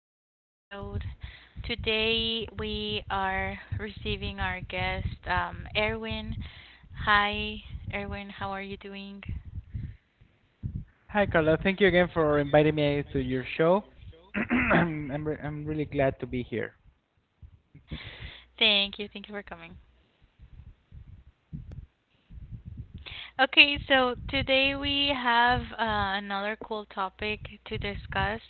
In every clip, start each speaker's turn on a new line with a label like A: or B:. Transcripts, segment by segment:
A: exciting episode. Today we are receiving our guest, Erwin. Hi, Erwin. How are you doing?
B: Hi, Carla. Thank you again for inviting me to your show. I'm really glad to be here.
A: Thank you. Thank you for coming. Okay, so today we have another cool topic to discuss.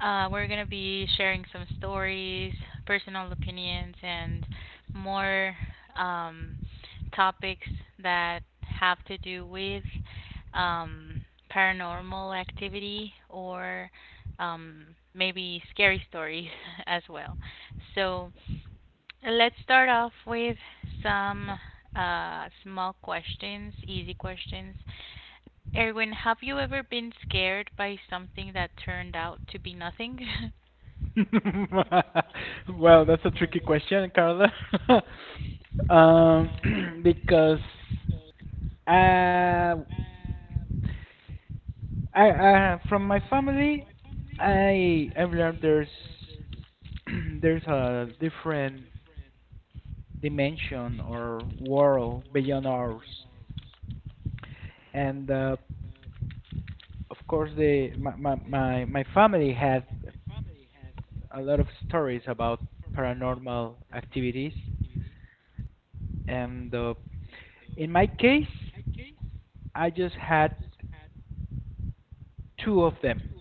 A: We're going to be sharing some stories, personal opinions, and more um, topics that have to do with um, paranormal activity or um, maybe scary stories as well. So, and let's start off with some small questions, easy questions. Erwin, have you ever been scared by something that turned out to be nothing?
B: Well, that's a tricky question, Carla. Um, because uh, I from my family, I've learned there's there's a different dimension or world beyond ours. And of course the my my my, my family had a lot of stories about paranormal activities and in my case I just had two of them.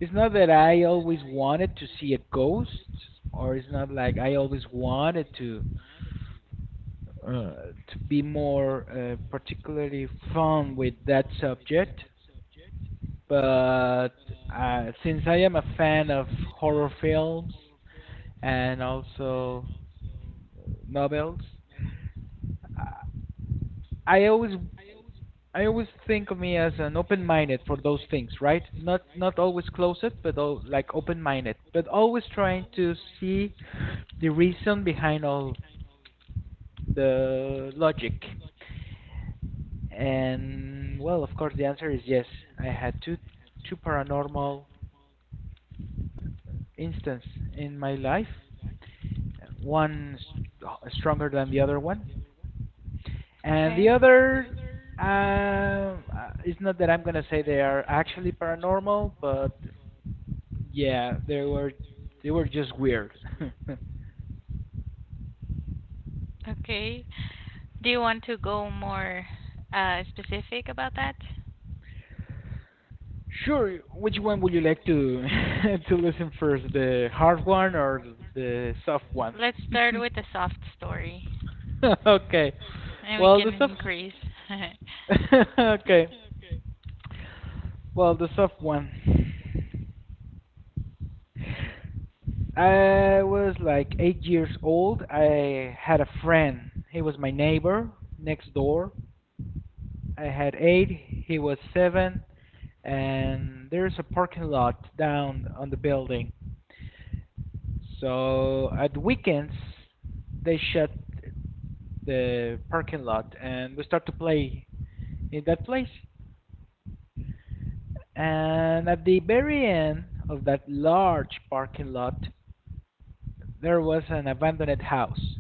B: It's not that I always wanted to see a ghost, or it's not like I always wanted to be more particularly fun with that subject, but since I am a fan of horror films and also novels, uh, I always I always think of me as an open-minded for those things, right? Not always closed, but al like open-minded, but always trying to see the reason behind all the logic? And well, of course, the answer is yes. I had two paranormal instance in my life, one stronger than the other one, and the
A: Okay,
B: other. It's not that I'm gonna say they are actually paranormal, but yeah, they were just weird.
A: okay. Do you want to go more specific about that?
B: Sure. Which one would you like to to listen first, the hard one or the soft one?
A: Let's start with a soft story.
B: Okay.
A: And we
B: Well,
A: can
B: the soft.
A: increase.
B: Okay. Well, the soft one. I was like 8 years old. I had a friend. He was my neighbor next door. I had eight. He was seven. And there's a parking lot down on the building. So at weekends, they shut the parking lot and we start to play in that place. And at the very end of that large parking lot, there was an abandoned house.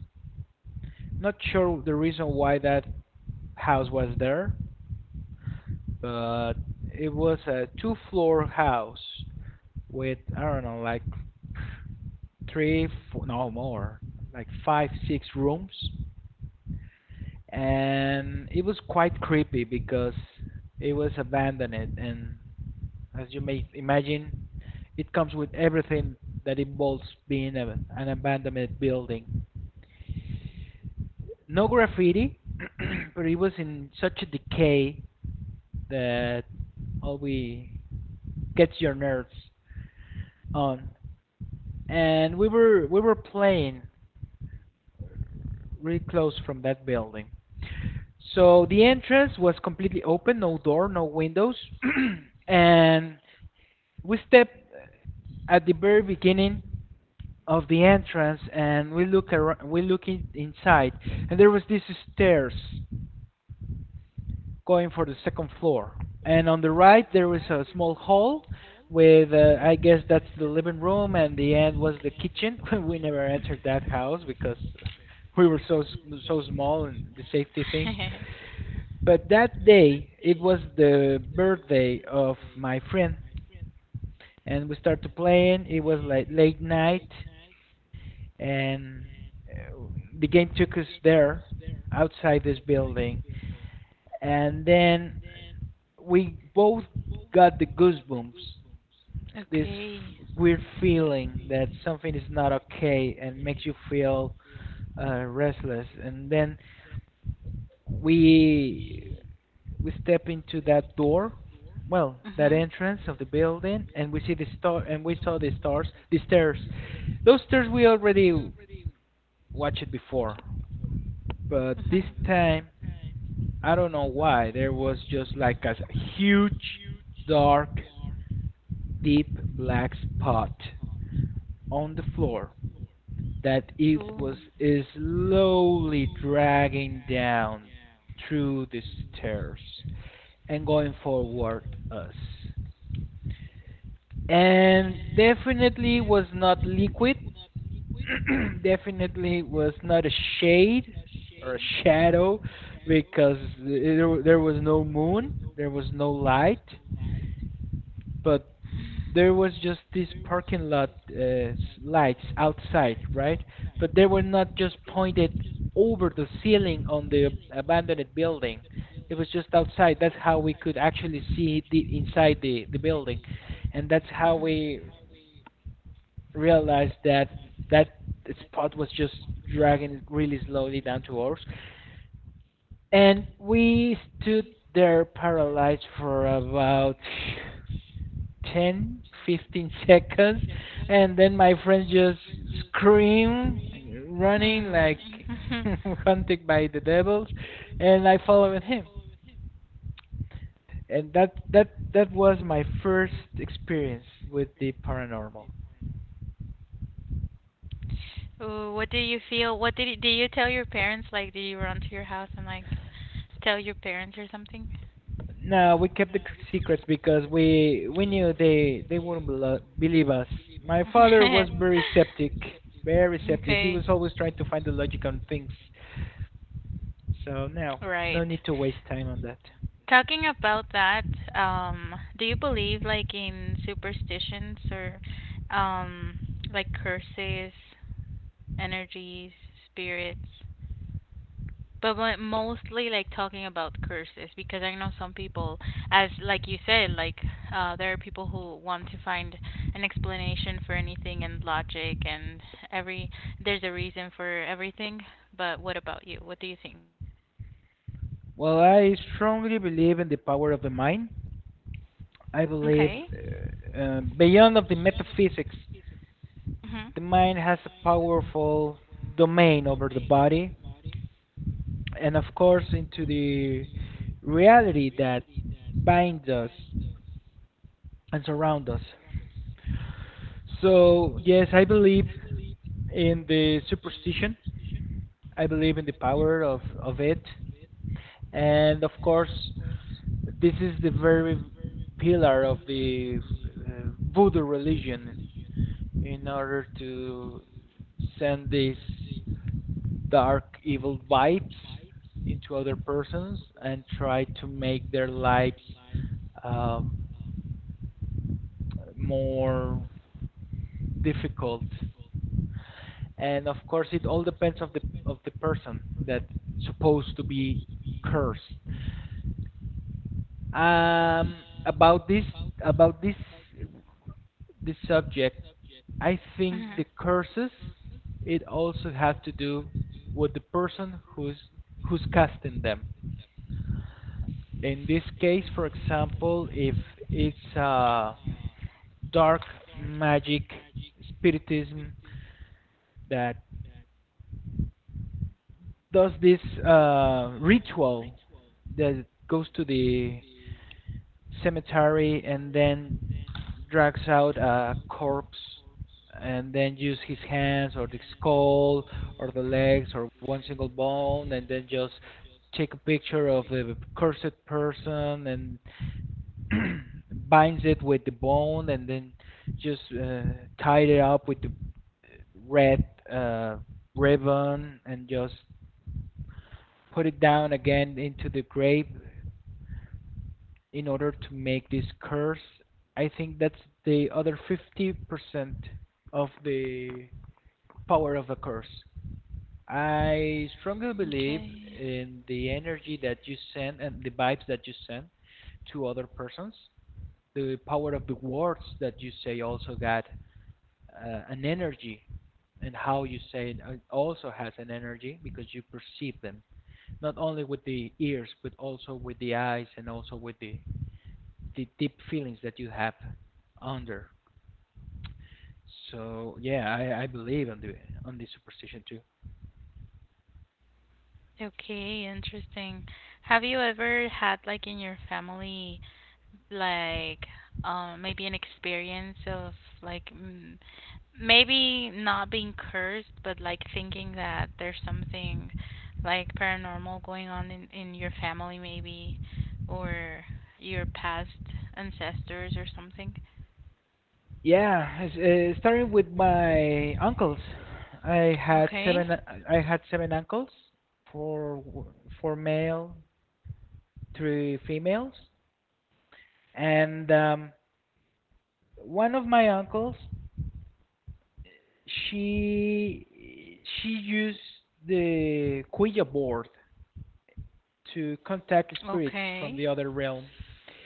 B: Not sure the reason why that house was there, but it was a two floor house with, I don't know, like three four, no more, like five six rooms, and it was quite creepy because it was abandoned and, as you may imagine, it comes with everything that involves being an abandoned building, no graffiti. But it was in such a decay that all we gets your nerves on. And we were playing really close from that building. So the entrance was completely open, no door, no windows. And we step at the very beginning of the entrance and we look around, we look inside, and there was these stairs going for the second floor. And on the right, there was a small hall with, I guess that's the living room, and the end was the kitchen. We never entered that house because we were so small and the safety things. But that day, it was the birthday of my friend, and we started playing. It was like late night, and uh, the game took us there outside this building, and then we both got the goosebumps, this
A: Okay.
B: weird feeling that something is not okay and makes you feel restless. And then we we step into that door, well, that
A: Mhm.
B: entrance of the building, and we see the star and we saw the stars the stairs, those stairs we already watched it before, but this
A: Mhm.
B: time I don't know why there was just like a huge, dark, deep black spot on the floor that it
A: Oh. Oh.
B: was slowly dragging down through the stairs and going forward us. And definitely was not liquid. Definitely was not a shade or a shadow because there was no moon, there was no light, but there was just these parking lot lights outside, right? But they were not just pointed over the ceiling on the abandoned building. It was just outside. That's how we could actually see the inside, the building, and that's how
A: Mhm.
B: we
A: And
B: realized that that spot was just dragging it really slowly down to ours. And we stood there paralyzed for about 10, 15 seconds. And then my friend just screamed, running like
A: hmm.
B: hunted by the devils. And I followed him. And that was my first experience with the paranormal.
A: Ooh, what did you feel? Did you tell your parents? Like, did you run to your house and like tell your parents or something?
B: No, we kept the secrets because we knew they wouldn't believe us. My father was very skeptic, very skeptic. He
A: Okay,
B: was always trying to find the logic on things. So no, no
A: right.
B: need to waste time on that.
A: Talking about that, do you believe like in superstitions or um like curses, energies, spirits? But mostly like talking about curses because I know some people, as like you said, like there are people who want to find an explanation for anything and logic and every there's a reason for everything. But what about you? What do you think?
B: Well, I strongly believe in the power of the mind. I believe,
A: Okay.
B: beyond of the metaphysics,
A: Mhm.
B: the mind has a powerful domain over the body, and of course into the reality that binds us and surround us. So yes, I believe in the superstition. I believe in the power of it. And of course, this is the very pillar of the uh, voodoo religion in order to send these dark evil vibes into other persons and try to make their lives um, more difficult. And of course, it all depends of the person that's supposed to be cursed. Um, about this about this subject, I think
A: Mhm.
B: the curses it also have to do with the person who's casting them. In this case, for example, if it's a dark magic, spiritism that does this ritual that goes to the cemetery and then drags out a corpse and then use his hands or the skull or the legs or one single bone, and then just take a picture of the cursed person and binds it with the bone, and then just tied it up with the red uh, ribbon, and just put it down again into the grave in order to make this curse. I think that's the other 50% of the power of the curse. I strongly believe
A: Okay.
B: in the energy that you send and the vibes that you send to other persons. The power of the words that you say also got an energy, and how you say it also has an energy because you perceive them, not only with the ears but also with the eyes and also with the deep feelings that you have under. So yeah, I believe on the superstition too.
A: Okay, interesting. Have you ever had like in your family like maybe an experience of like maybe not being cursed but like thinking that there's something like paranormal going on in your family maybe or your past ancestors or something?
B: Yeah, it's starting with my uncles. I had
A: Okay.
B: seven. I had seven uncles, four w- four male, three females, and one of my uncles, she used the Ouija board to contact spirits from
A: Okay.
B: the other realm,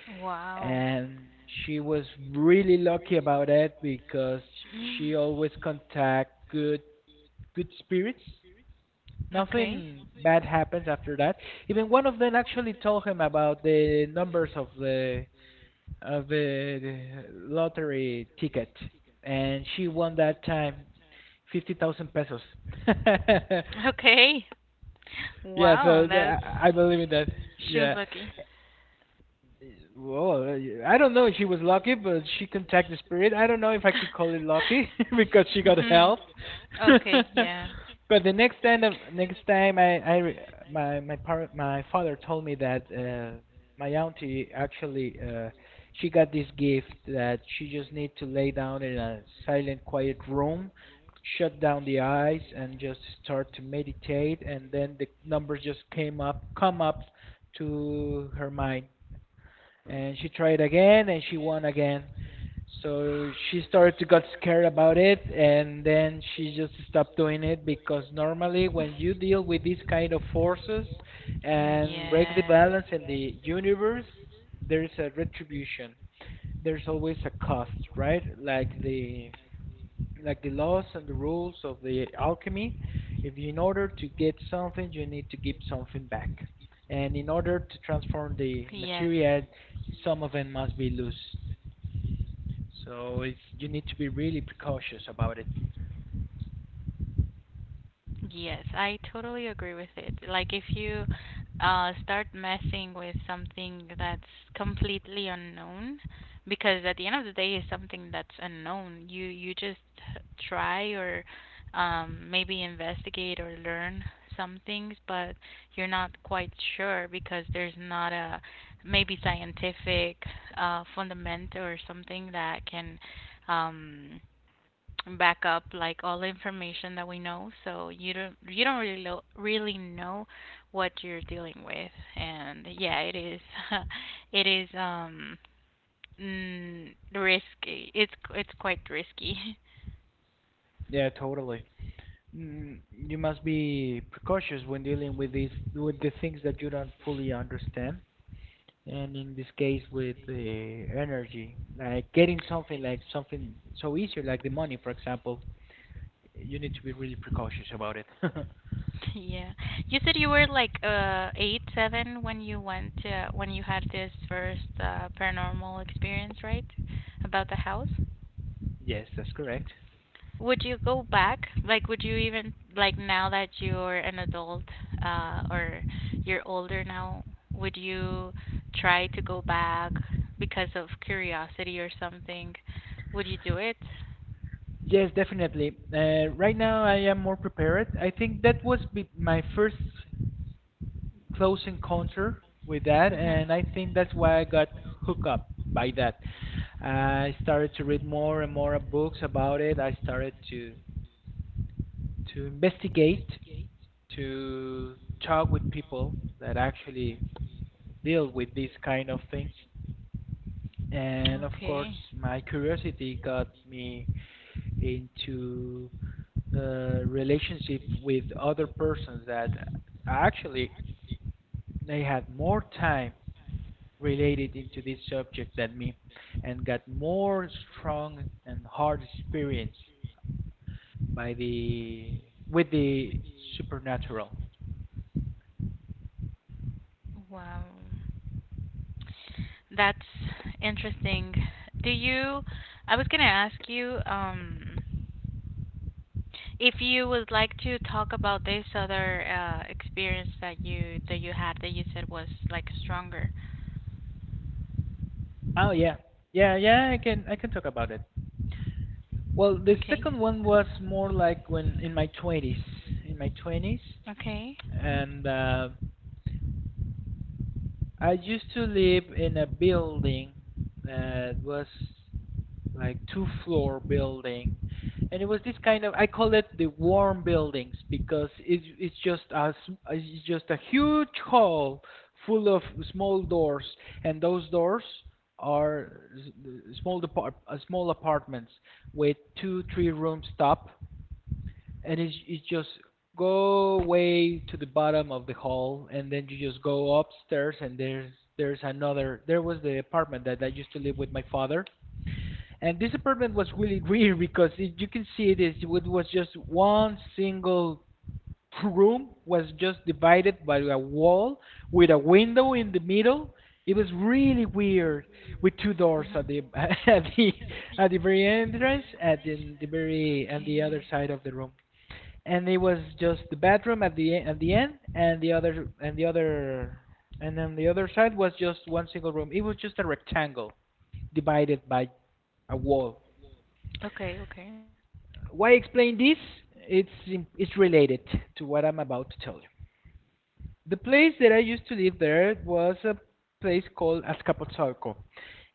A: Wow.
B: and she was really lucky about it because she always contact good spirits.
A: Okay.
B: Nothing bad happens after that. Even one of them actually told him about the numbers of the lottery ticket, and she won that time 50,000 pesos.
A: Okay.
B: Yeah,
A: Wow,
B: so
A: that's
B: I believe in that.
A: exists.
B: Yeah,
A: Lucky.
B: well, I don't know if she was lucky, but she contacted the spirit. I don't
A: Mm.
B: know if I could call it lucky because she got help.
A: Okay,
B: But the next time, I, my, par- my father told me that my auntie actually, she got this gift that she just need to lay down in a silent, quiet room, shut down the eyes, and just start to meditate, and then the numbers just come up to her mind, and she tried again and she won again. So she started to got scared about it, and then she just stopped doing it because normally when you deal with these kind of forces
A: mm,
B: and break the balance in
A: yes.
B: the universe, there's a retribution. There's always a cost, right? Like the laws and the rules of the alchemy. If in order to get something, you need to give something back, and in order to transform
A: Universe.
B: the
A: Yes.
B: material, some of them must be loose, so it's you need to be really precautious about it.
A: Yes, I totally agree with it. Like if you start messing with something that's completely unknown, because at the end of the day it's something that's unknown. You just h- try or maybe investigate or learn some things, but you're not quite sure because there's not a maybe scientific fundament or something that can um back up like all the information that we know, so you don't really really know what you're dealing with. And yeah, it is it is risky. It's quite risky.
B: Yeah, totally. You must be precautious when dealing with these, with the things that you don't fully understand, and in this case with the energy, like getting something like something so easy, like the money, for example, you need to be really precautious about it.
A: Yeah, you said you were like 8 7 when you went when you had this first paranormal experience, right? About the house.
B: Yes, that's correct.
A: Would you go back? Like, would you even like now that you're an adult, or you're older now, would you try to go back because of curiosity or something? Would you do it?
B: Yes, definitely. Right now, I am more prepared. I think that was my first close encounter with that,
A: Mm-hmm.
B: and I think that's why I got hooked up by that. I started to read more and more books about it. I started to investigate, to talk with people that actually deal with these kind of things, and of course
A: Okay.
B: my curiosity got me into relationship with other persons that actually they had more time related into this subject than me, and got more strong and hard experience by the with the supernatural.
A: Wow. That's interesting. Do you, I was gonna ask you, if you would like to talk about this other experience that you had, that you said was like stronger.
B: Oh yeah. Yeah, yeah, I can talk about it. Well, the
A: Okay.
B: second one was more like when in my 20s, in my 20s,
A: Okay. Mhm.
B: and I used to live in a building that was like two floor building, and it was this kind of, I call it the warm buildings because it's just a huge hall full of small doors. And those doors are small apartments with two three rooms top. And it's just go way to the bottom of the hall, and then you just go upstairs, and there was the apartment that I used to live with my father. And this apartment was really weird because you can see it was just one single room, was just divided by a wall with a window in the middle. It was really weird, with two doors at
A: Mhm.
B: the at the at the very entrance, at the very and the other
A: Okay.
B: side of the room. And it was just the bathroom at the at the end, and then the other side was just one single room. It was just a rectangle divided by a wall.
A: Okay. Okay.
B: Why explain this? It's it's related to what I'm about to tell you. The place that I used to live, there was a place called Azcapotzalco,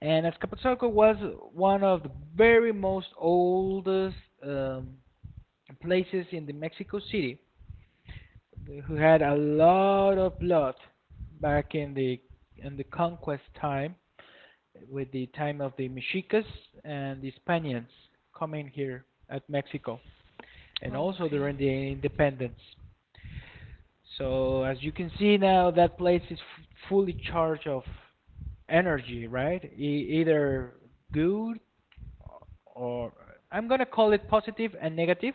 B: and Azcapotzalco was one of the very most oldest um, places in the Mexico City, who had a lot of blood back in the conquest time, with the time of the Mexicas and the Spaniards coming here at Mexico, and
A: Oh,
B: also
A: okay,
B: during the independence. So as you can see now, that place is fully charged of energy, right? Either good or, I'm gonna call it positive and negative,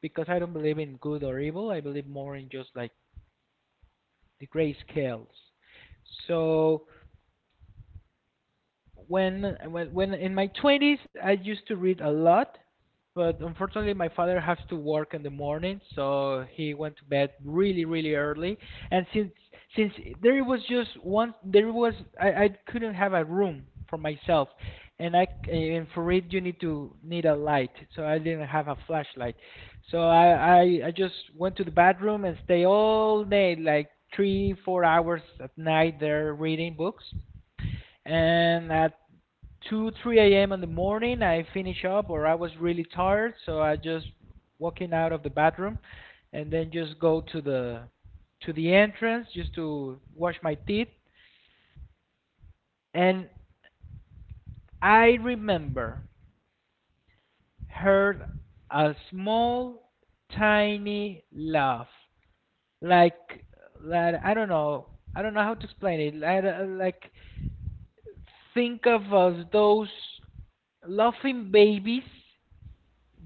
B: because I don't believe in good or evil. I believe more in just like the gray scales. So when in my 20s I used to read a lot, but unfortunately my father has to work in the morning, so he went to bed really really early. And since there was just one, there was I couldn't have a room for myself, and I and for it you need to need a light, so I didn't have a flashlight, so I just went to the bathroom and stay all day like 3 or 4 hours at night there reading books. And at 2 3 a.m in the morning, I finish up, or I was really tired, so I just walking out of the bathroom and then just go to the entrance just to wash my teeth. And I remember heard a small tiny laugh, like, I don't know. I don't know how to explain it. Like think of us those laughing babies,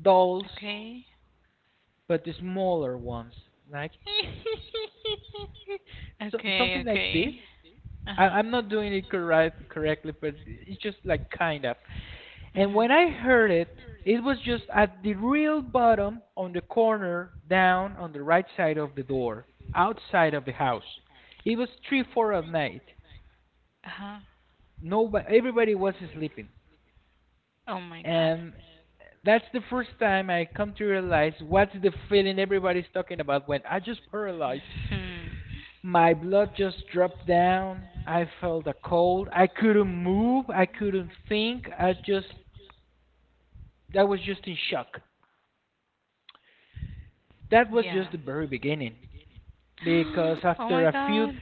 B: dolls,
A: okay,
B: but the smaller ones, like. So,
A: okay.
B: something like this.
A: Okay. Uh
B: I,
A: huh.
B: I'm not doing it correctly, but it's just like, kind of. And
A: Mhm.
B: when I heard it, it was just at the real bottom, on the corner down on the right side of the door, outside of the house. It was three four at night.
A: Uh huh.
B: Nobody, everybody was sleeping.
A: Oh my God.
B: And that's the first time I come to realize what's the feeling everybody's talking about, when I just paralyzed.
A: Hmm.
B: My blood just dropped down. I felt a cold. I couldn't move. I couldn't think. I was just in shock. That was
A: Yeah.
B: just the very beginning. Because
A: Oh
B: after
A: my
B: a few
A: God.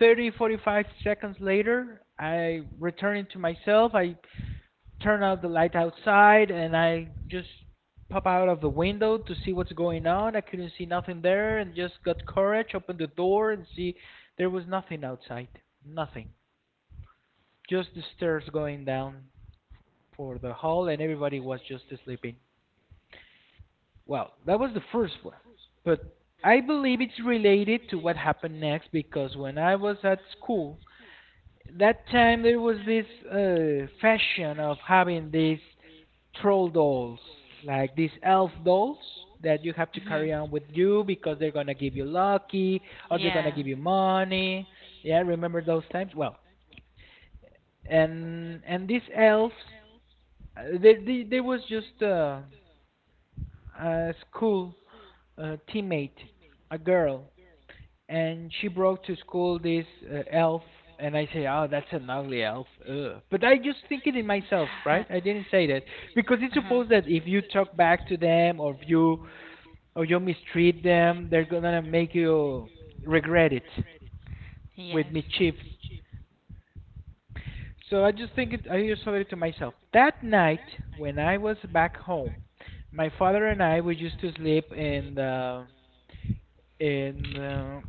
B: 30, 45 seconds later, I return to myself. I turn out the light outside, and I just pop out of the window to see what's going on. I couldn't see nothing there, and just got courage, opened the door and see there was nothing outside. Nothing. Just the stairs going down for the hall, and everybody was just sleeping. Well, that was the first one. But I believe it's related to what happened next, because when I was at school, that time there was this fashion of having these troll dolls, like these elf dolls that you have to carry
A: Mhm.
B: on with you because they're gonna give you lucky, or they're gonna
A: Yeah.
B: give you money. Yeah, remember those times? Well, and these elves, they was just a school teammate, a girl, and she brought to school this elf, and I say, oh, that's an ugly elf. Ugh. But I just think it in
A: To
B: myself, right?
A: myself.
B: I didn't say that, because it's supposed that if you talk back to them, or you mistreat them, they're gonna make you regret it with
A: Yes.
B: mischief. So I just thought it to myself. That night when I was back home, my father and I, we used to sleep in the in the,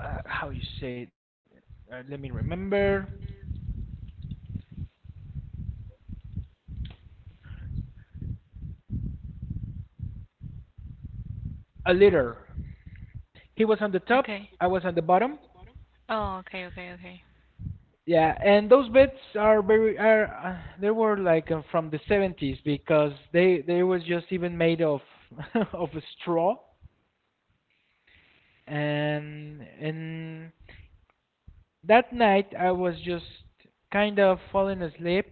B: uh, how you say it? Let me remember — a litter. He was on the
A: You.
B: top,
A: Okay.
B: I was on the bottom.
A: Oh, okay, okay, okay.
B: Yeah, and those beds are very are they were like, from the 70s, because they was just even made of of straw. And that night I was just kind of falling asleep.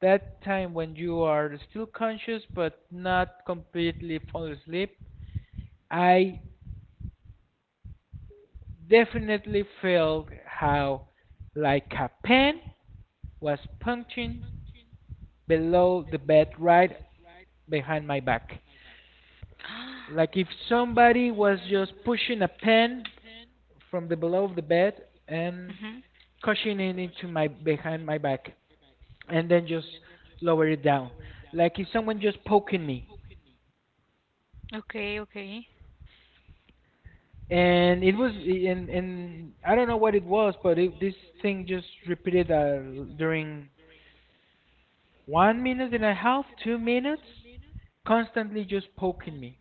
B: That time when you are still conscious but not completely falling asleep, I definitely felt how, like, a pen was punching below the bed right behind my back, like if somebody was just pushing a pen from the below the bed and
A: Mhm.
B: cushioning it into my behind my back, and then just lower it down, like if someone just poking me.
A: Okay, okay.
B: And it was and I don't know what it was, but this thing just repeated, during 1 minute and a half, 2 minutes, constantly just poking me,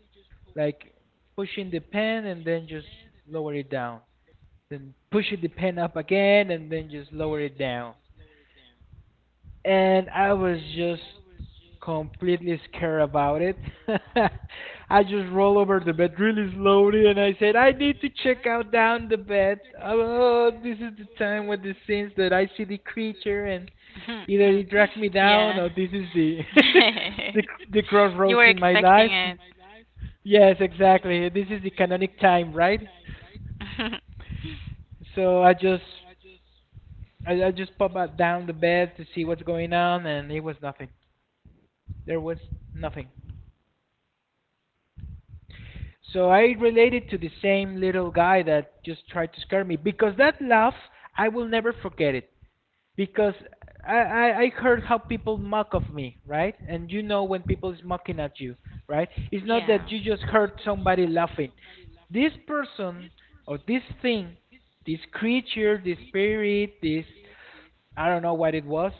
B: like pushing the pen and then just lower it down, then pushing the pen up again and then just lower it down, and I was just completely scared about it. I just roll over the bed really slowly, and I said, I need to check out down the bed. Oh, this is the time with the scenes that I see the creature, and
A: Mhm,
B: either it drags me
A: creature.
B: down, or this is the the the
A: You were
B: crossroads in my
A: expecting
B: life.
A: it.
B: Yes, exactly. This is the canonic time, right? So I just popped out down the bed to see what's going on, and it was nothing. There was nothing. So I related to the same little guy that just tried to scare me, because that laugh, I will never forget it. Because I heard how people mock of me, right? And you know when people is mocking at you, right? It's not that
A: Yeah.
B: you just heard somebody laughing. This person, or this thing, this creature, this spirit, this, I don't know what it was.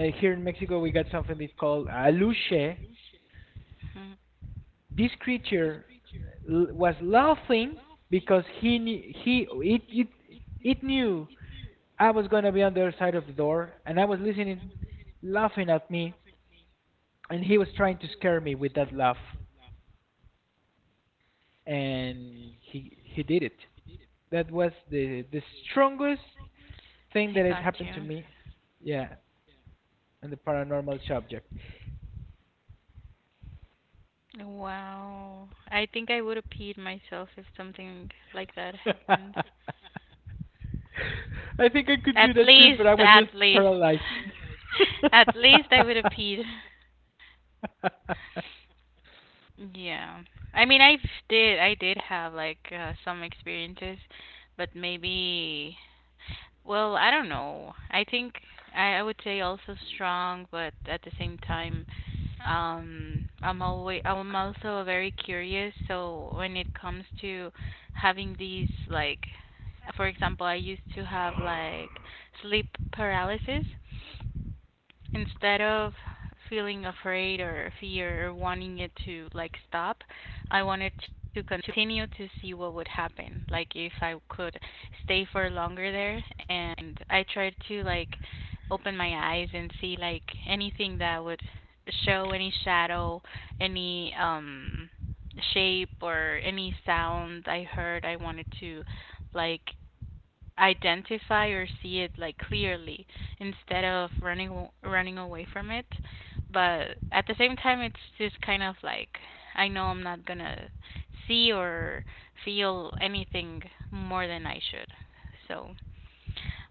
B: Here in Mexico, we got something that's called aluche,
A: Mhm.
B: this creature was laughing, because he knew, he it it it knew I was gonna be on the other side of the door, and I was listening, laughing at me, and he was trying to scare me with that laugh, and he did it. That was the strongest thing
A: I
B: that had
A: got
B: happened to me, yeah, on the paranormal subject.
A: Wow. I think I would have peed myself if something like that happened.
B: I think I could do
A: At
B: that too, but I
A: least,
B: was just
A: at least.
B: paralyzed.
A: At least I would have peed. Yeah. I mean, I did have like some experiences, but maybe, well, I don't know. I think I would say also strong, but at the same time, I'm always I'm
B: Fuck.
A: also very curious. So when it comes to having these like, for example, I used to have like sleep paralysis. Instead of feeling afraid or fear or wanting it to like stop, I wanted to continue to see what would happen, like if I could stay for longer there. And I tried to like open my eyes and see like anything that would show any shadow, any shape or any sound I heard. I wanted to like identify or see it like clearly instead of running running away from it, but at the same time it's just kind of like I know I'm not going to see or feel anything more than I should. So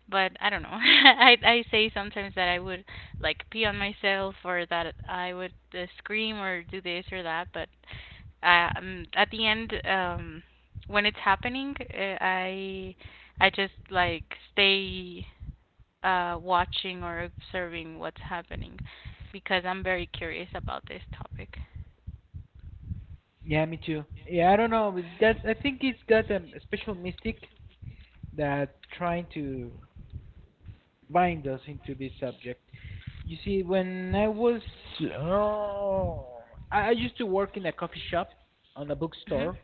A: but I don't know. I say sometimes that I would like pee on myself or that I would scream or do this or that, but at the end, when it's happening, I just like stay watching or observing what's happening because I'm very curious about this topic.
B: Yeah, me too. Yeah, I don't know. With That, I think it's that, special mystic that trying to bind us into this subject. You see, when I was oh, I used to work in a coffee shop on a
A: Mhm.
B: bookstore.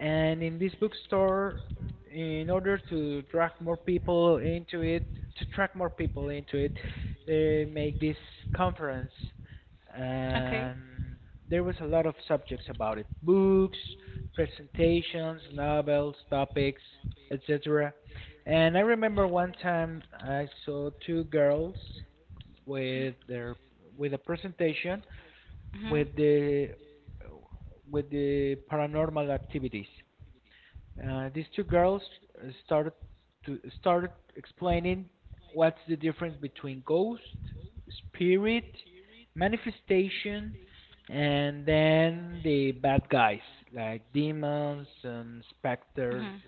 B: And in this bookstore, in order to drag more people into it, to attract more people into it, they make this conference.
A: Okay.
B: And there was a lot of subjects about it: books, presentations, novels, topics, etc. And I remember one time I saw two girls with their with a presentation
A: Mhm.
B: with the paranormal activities. These two girls, uh, started started explaining what's the difference between ghost, spirit, manifestation, and then the bad guys like demons and specters,
A: Mhm.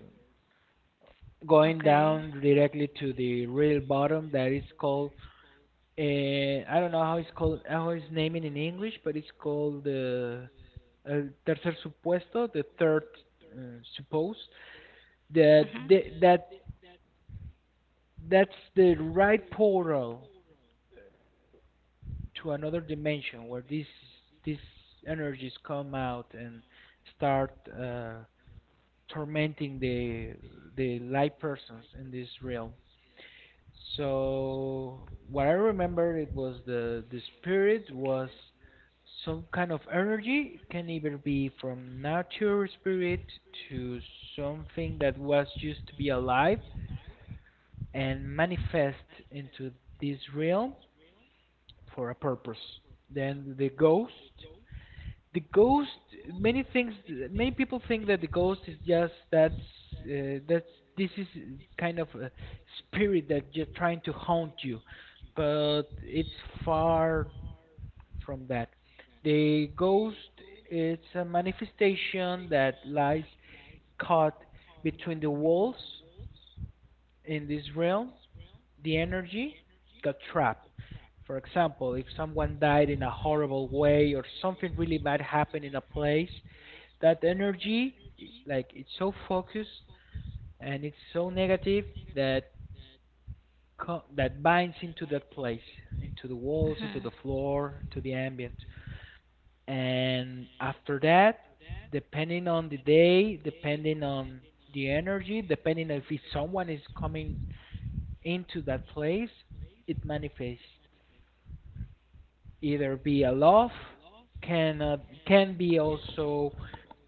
B: going
A: Okay.
B: down directly to the real bottom that is called, I don't know how it's called, how it's named in English, but it's called the, el tercer supuesto, the third, suppose. That that that's the right portal to another dimension, where these energies come out and start uh, tormenting the light persons in this realm. So what I remember, it was the spirit was some kind of energy. It can either be from nature spirit to something that was used to be alive and manifest into this realm for a purpose. Then the ghost, the ghost many things many people think that the ghost is just, that's this is kind of a spirit that just trying to haunt you, but it's far from that. The ghost, it's a manifestation that lies caught between the walls in this realm, the energy got trapped. For example, if someone died in a horrible way, or something really bad happened in a place, that energy, like, it's so focused and it's so negative that that binds into that place, into the
A: Mhm.
B: walls, into
A: Mhm.
B: the floor, to the ambient. And after that, depending on the day, depending on the energy, depending if someone is coming into that place, it manifests either be a love, can uh, can be also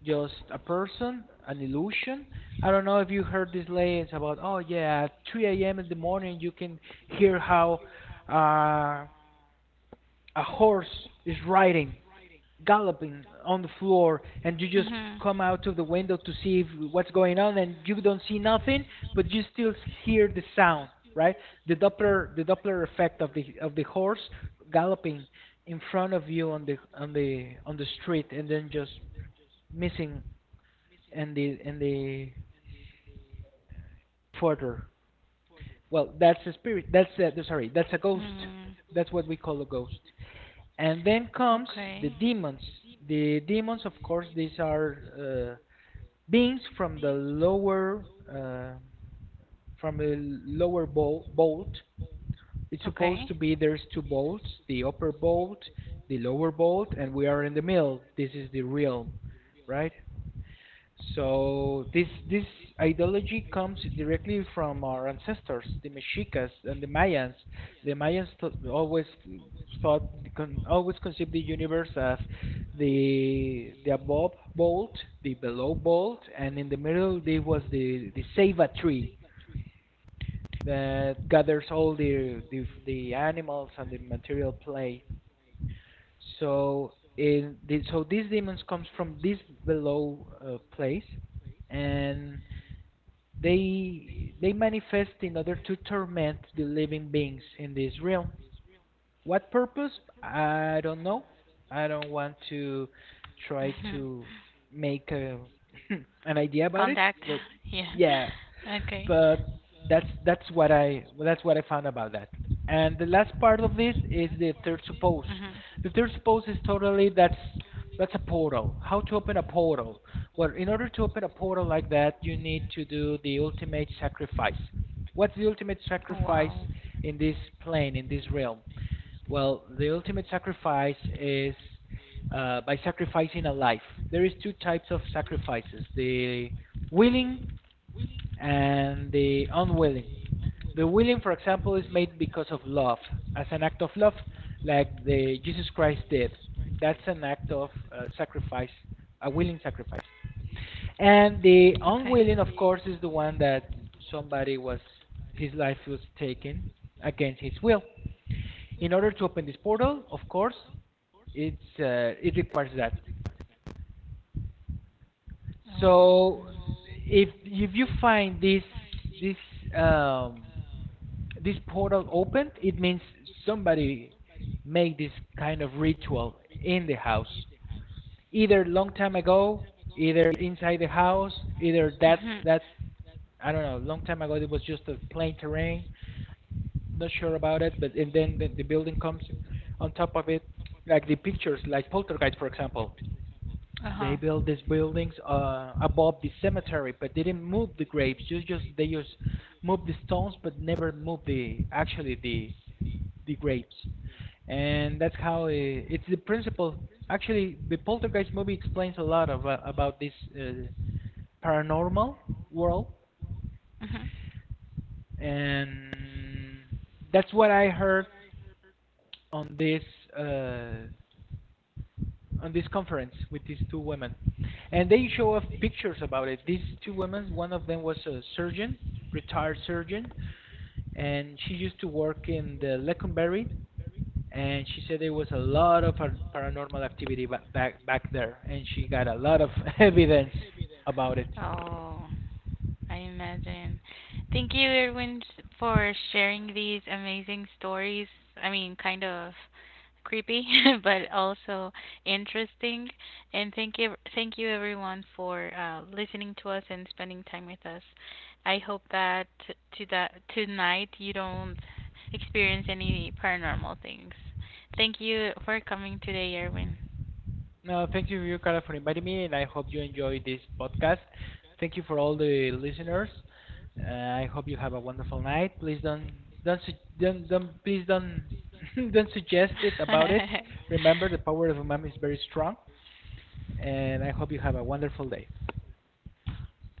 B: just a person, an illusion. I don't know if you heard this latest about oh yeah, at 3 a.m. in the morning you can hear how uh, a horse is riding, galloping on the floor, and you just
A: Mhm.
B: come out of the window to see if, what's going on, and you don't see nothing, but you still hear the sound, right? The Doppler effect of the horse galloping in front of you on the street, and then just missing, and the further well, that's a spirit. That's a, sorry. That's a ghost.
A: Mm.
B: That's what we call a ghost. And then comes the
A: Okay.
B: demons. The demons, of course, these are beings from the lower from a bolt. It's supposed
A: Okay.
B: to be there's two bolts, the upper bolt, the lower bolt, and we are in the middle. This is the realm, right? So this ideology comes directly from our ancestors, the Mexicas and the Mayans. The Mayans always thought, always conceived the universe as the above bolt, the below bolt, and in the middle there was the Ceiba tree, that gathers all the animals and the material play. So in the, so these demons comes from this below place, and they manifest in order to torment the living beings in this realm. What purpose? I don't know. I don't want to try
A: Mhm.
B: to make a, an idea about it,
A: Contact.
B: but
A: Yeah.
B: yeah,
A: Okay.
B: but that's what I found about that. And the last part of this is the third suppose.
A: Mhm.
B: The third suppose is totally that's a portal. How to open a portal? Well, in order to open a portal like that, you need to do the ultimate sacrifice. What's the ultimate
A: Wow.
B: sacrifice in this plane, in this realm? Well, the ultimate sacrifice is by sacrificing a life. There is two types of sacrifices: the willing and the unwilling. The willing, for example, is made because of love, as an act of love, like the Jesus Christ did. That's an act of sacrifice, a willing sacrifice. And the
A: Okay.
B: unwilling, of course, is the one that somebody was, his life was taken against his will. In order to open this portal, of course, it's it requires that so
A: Oh.
B: if you find this um, this portal opened, it means somebody made this kind of ritual in the house, either long time ago, either inside the house, either that
A: Mhm.
B: that I don't know, long time ago it was just a plain terrain. Not sure about it, but if then the building comes on top of it, like the pictures, like Poltergeist, for example.
A: Uh
B: They
A: huh.
B: built these buildings above the cemetery, but they didn't move the graves. Just they just moved the stones, but never moved the actually the graves. And that's how it's the principle. Actually, the Poltergeist movie explains a lot about this uh, paranormal world,
A: Mhm.
B: and that's what I heard on this. Uh, on this conference with these two women, and they show off pictures about it. These two women, one of them was a surgeon, retired surgeon, and she used to work in the Leconberry, and she said there was a lot of paranormal activity back there, and she got a lot of evidence about it.
A: Oh, I imagine. Thank you, Erwin, for sharing these amazing stories. I mean, kind of creepy, but also interesting. And thank you, everyone, for listening to us and spending time with us. I hope that to that tonight you don't experience any paranormal things. Thank you for coming today, Erwin.
B: No, thank you, Yukara, for inviting me, and I hope you enjoy this podcast. Thank you for all the listeners. I hope you have a wonderful night. Please don't su- don't please don't don't suggest it about it. Remember, the power of umami is very strong, and I hope you have a wonderful day.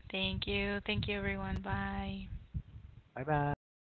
A: Thank you. Thank you, everyone. Bye.
B: Bye bye.